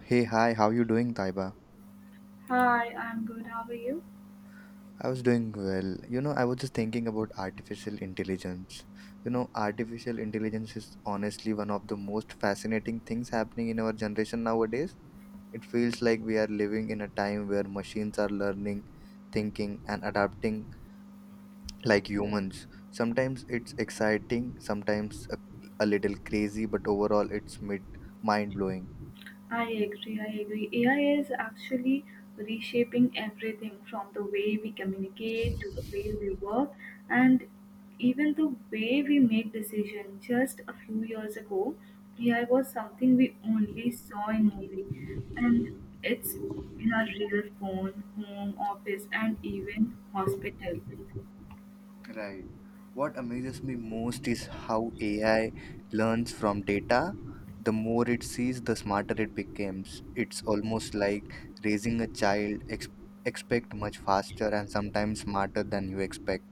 Hey, hi, how you doing, Taiba? Hi, I'm good. How are you? I was doing well. You know, I was just thinking about artificial intelligence. You know, artificial intelligence is honestly one of the most fascinating things happening in our generation nowadays. It feels like we are living in a time where machines are learning, thinking, and adapting like humans. Sometimes it's exciting, sometimes a little crazy, but overall it's mid mind blowing. I agree. I agree. AI is actually reshaping everything from the way we communicate to the way we work and even the way we make decisions. Just a few years ago, AI was something we only saw in movie and it's in our real phone, home, office and even hospital. Right. What amazes me most is how AI learns from data. The more it sees, the smarter it becomes. It's almost like raising a child, expect much faster and sometimes smarter than you expect.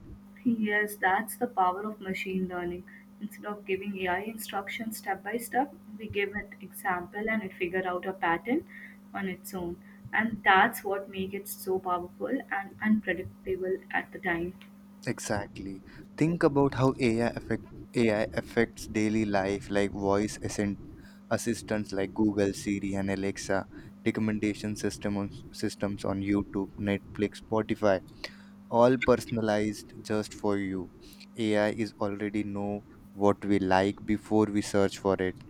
Yes, that's the power of machine learning. Instead of giving AI instructions step by step, we give it example and it figure out a pattern on its own. And that's what makes it so powerful and unpredictable at the time. Exactly. Think about how AI affects daily life, like assistants like Google, Siri, and Alexa, systems on YouTube, Netflix, Spotify, all personalized just for you. AI is already know what we like before we search for it.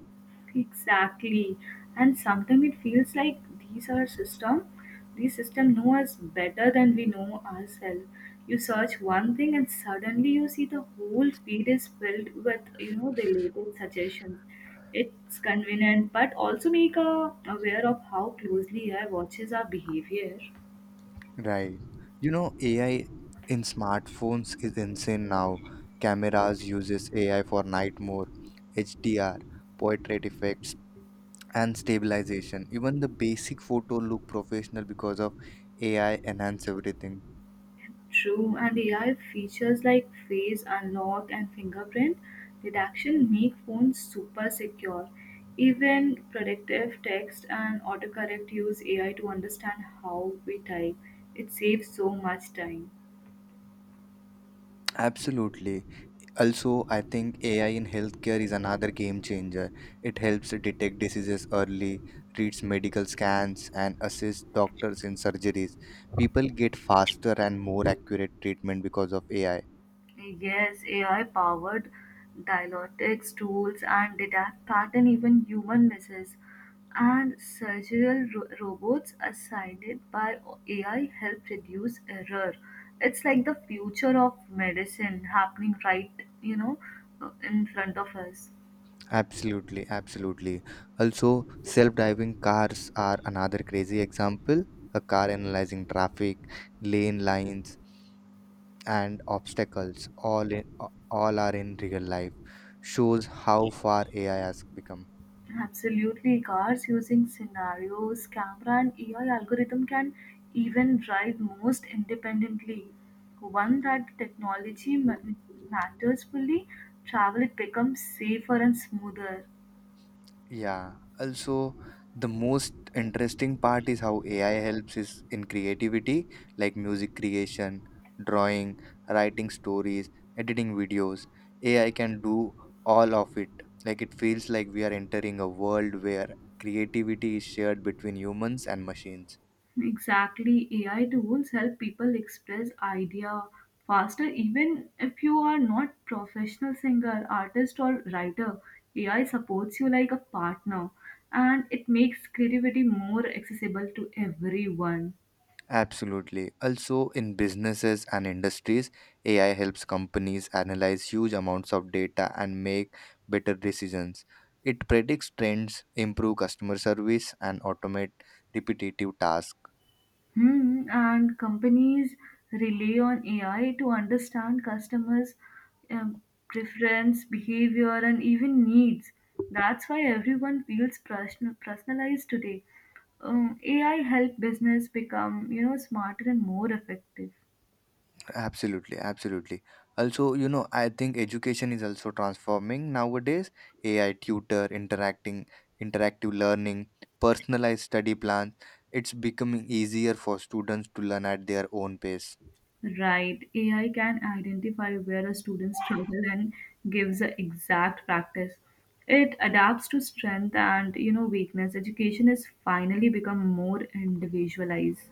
Exactly. And sometimes it feels like these are system, these system know us better than we know ourselves. You search one thing and suddenly you see the whole feed is filled with, the latest suggestions. It's convenient, but also make aware of how closely AI watches our behavior. Right. You know, AI in smartphones is insane now. Cameras uses AI for night mode, HDR, portrait effects, and stabilization. Even the basic photo look professional because of AI enhance everything. True, and AI features like face unlock and fingerprint detection make phones super secure. Even predictive text and autocorrect use AI to understand how we type. It saves so much time. Absolutely. Also, I think AI in healthcare is another game changer. It helps detect diseases early, reads medical scans, and assists doctors in surgeries. People get faster and more accurate treatment because of AI. Yes, AI-powered diagnostics tools and detect pattern even human misses. And surgical robots assigned by AI help reduce error. It's like the future of medicine happening right, you know, in front of us. Absolutely, absolutely. Also, self driving cars are another crazy example. A car analyzing traffic, lane lines, and obstacles all are in real life shows how far AI has become. Absolutely, cars using scenarios, camera, and AI algorithm can even drive most independently. One that technology matters fully, travel it becomes safer and smoother. Yeah. Also, the most interesting part is how AI helps is in creativity, like music creation, drawing, writing stories, editing videos. AI can do all of it. Like it feels like we are entering a world where creativity is shared between humans and machines. Exactly, AI tools help people express idea faster. Even if you are not professional singer, artist, or writer, AI supports you like a partner, and it makes creativity more accessible to everyone. Absolutely. Also, in businesses and industries, AI helps companies analyze huge amounts of data and make better decisions. It predicts trends, improve customer service, and automate repetitive tasks. Hmm, and companies rely on AI to understand customers' um, preference, behavior, and even needs. That's why everyone feels personalized today. AI help business become smarter and more effective. Absolutely, absolutely. Also, you know, I think education is also transforming nowadays. AI tutor, interacting, interactive learning, personalized study plans. It's becoming easier for students to learn at their own pace. Right, AI can identify where a student struggles and gives the exact practice. It adapts to strength and weakness. Education has finally become more individualized.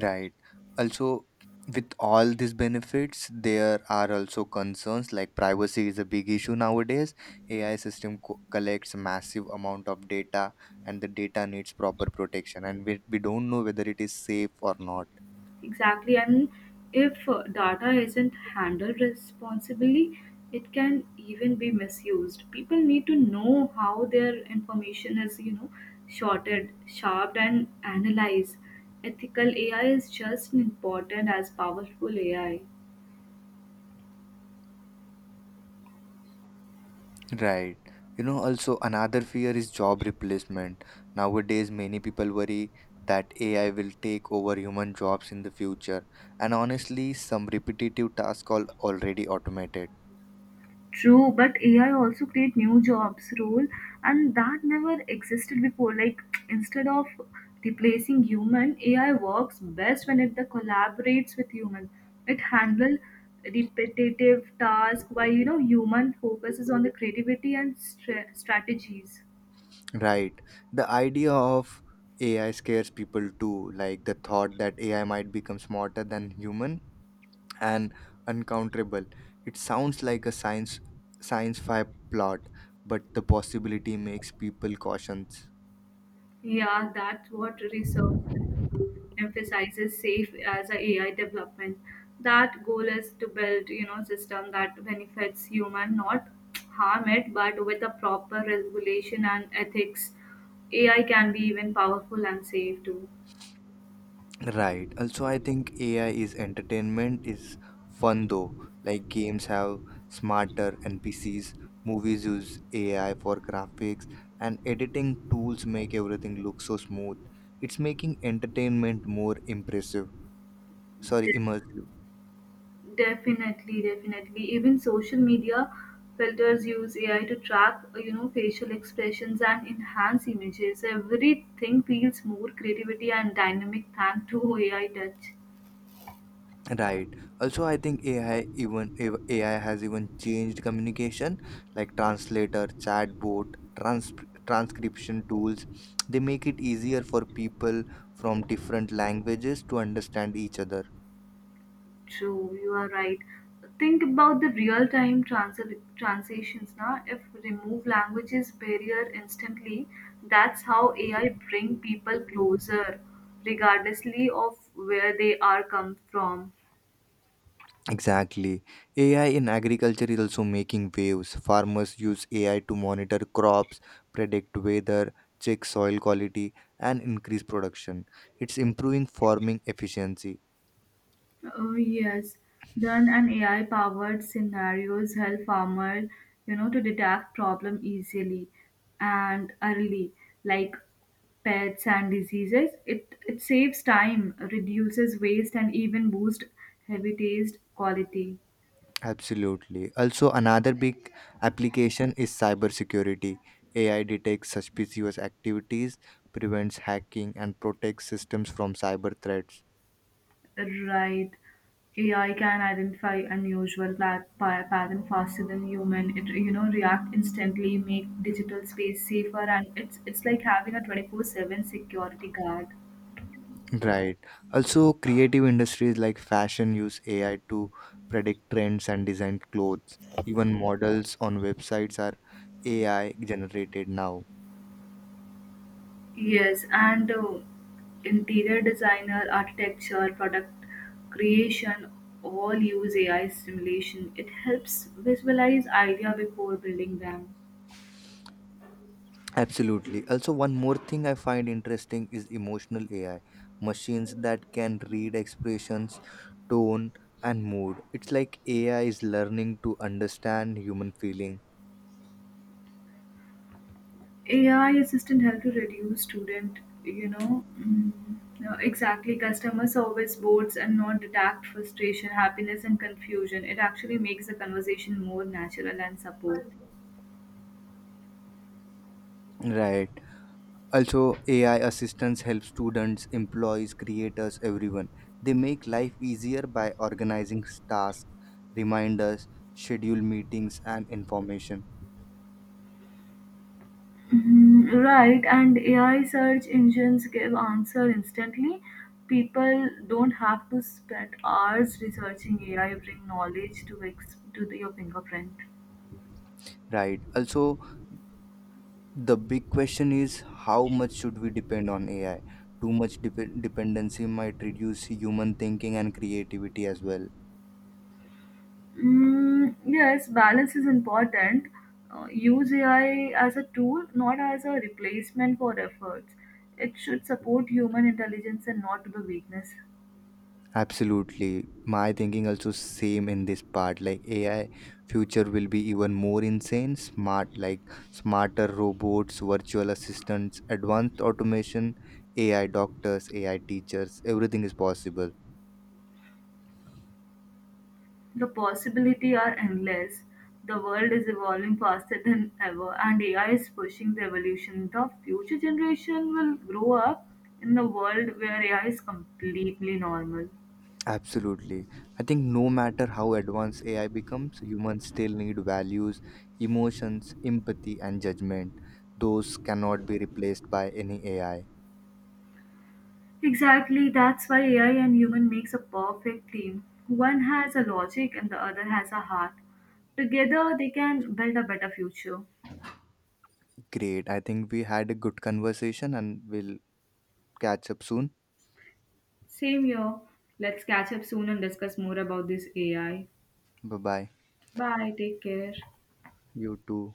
Right. Also, with all these benefits, there are also concerns like privacy is a big issue nowadays. Collects massive amount of data, and the data needs proper protection, and we don't know whether it is safe or not. Exactly, and if data isn't handled responsibly, it can even be misused. People need to know how their information is, sorted, sharped, and analyzed. Ethical AI is just as important as powerful AI. Right. You know, also another fear is job replacement. Nowadays, many people worry that AI will take over human jobs in the future, and honestly, some repetitive tasks are already automated. True, but AI also create new jobs role and that never existed before. Like instead of replacing human, AI works best when it the collaborates with human. It handle repetitive task while human focuses on the creativity and strategies. Right. The idea of AI scares people too, like the thought that AI might become smarter than human and uncounterable. It sounds like a science science fi plot, but the possibility makes people cautious. Yeah, that's what research emphasizes safe as a AI development. That goal is to build, system that benefits human, not harm it, but with a proper regulation and ethics, AI can be even powerful and safe too. Right. Also, I think AI is entertainment is fun though. Like games have smarter NPCs, movies use AI for graphics, and editing tools make everything look so smooth. It's making entertainment more impressive. Sorry, immersive. Definitely, definitely. Even social media filters use AI to track, facial expressions and enhance images. Everything feels more creativity and dynamic thanks to AI touch. Right. Also, I think AI has even changed communication, like translator, chatbot, transcription tools. They make it easier for people from different languages to understand each other. True, you are right. Think about the real-time transitions now. If remove languages barrier instantly, that's how AI bring people closer, regardlessly of where they are come from. Exactly. AI in agriculture is also making waves. Farmers use AI to monitor crops, predict weather, check soil quality, and increase production. It's improving farming efficiency. Oh, yes. Then an AI-powered scenarios help farmer, to detect problem easily and early, like pests and diseases. It saves time, reduces waste, and even boost habitat quality. Absolutely. Also, another big application is cybersecurity. AI detects suspicious activities, prevents hacking, and protects systems from cyber threats. Right. AI can identify unusual pattern faster than human. It react instantly, make digital space safer, and it's like having a 24/7 security guard. Right. Also, creative industries like fashion use AI to predict trends and design clothes. Even models on websites are AI generated now. Yes, and interior designer, architecture, product creation all use AI simulation. It helps visualize idea before building them. Absolutely. Also, one more thing I find interesting is emotional AI machines that can read expressions, tone, and mood. It's like AI is learning to understand human feeling. AI assistant help to reduce student, you know, mm, no, exactly customer service boards and not detect frustration, happiness, and confusion. It actually makes the conversation more natural and support. Right. Also, AI assistants help students, employees, creators, everyone. They make life easier by organizing tasks, reminders, schedule meetings, and information. Mhm. Right, and AI search engines give answer instantly. People don't have to spend hours researching AI. Bring knowledge to your fingerprint. Right. Also, the big question is how much should we depend on AI. Too much dependency might reduce human thinking and creativity as well. Mm, yes, balance is important. Use AI as a tool, not as a replacement for efforts. It should support human intelligence and not the weakness. Absolutely, my thinking also same in this part. Like AI future will be even more insane smart, like smarter robots, virtual assistants, advanced automation, AI doctors, AI teachers, everything is possible. The possibilities are endless. The world is evolving faster than ever, and AI is pushing the evolution. The future generation will grow up in a world where AI is completely normal. Absolutely. I think no matter how advanced AI becomes, humans still need values, emotions, empathy, and judgment. Those cannot be replaced by any AI. Exactly, that's why AI and human makes a perfect team. One has a logic and the other has a heart. Together, they can build a better future. Great. I think we had a good conversation and we'll catch up soon. Same here. Let's catch up soon and discuss more about this AI. Bye bye. Bye, take care. You too.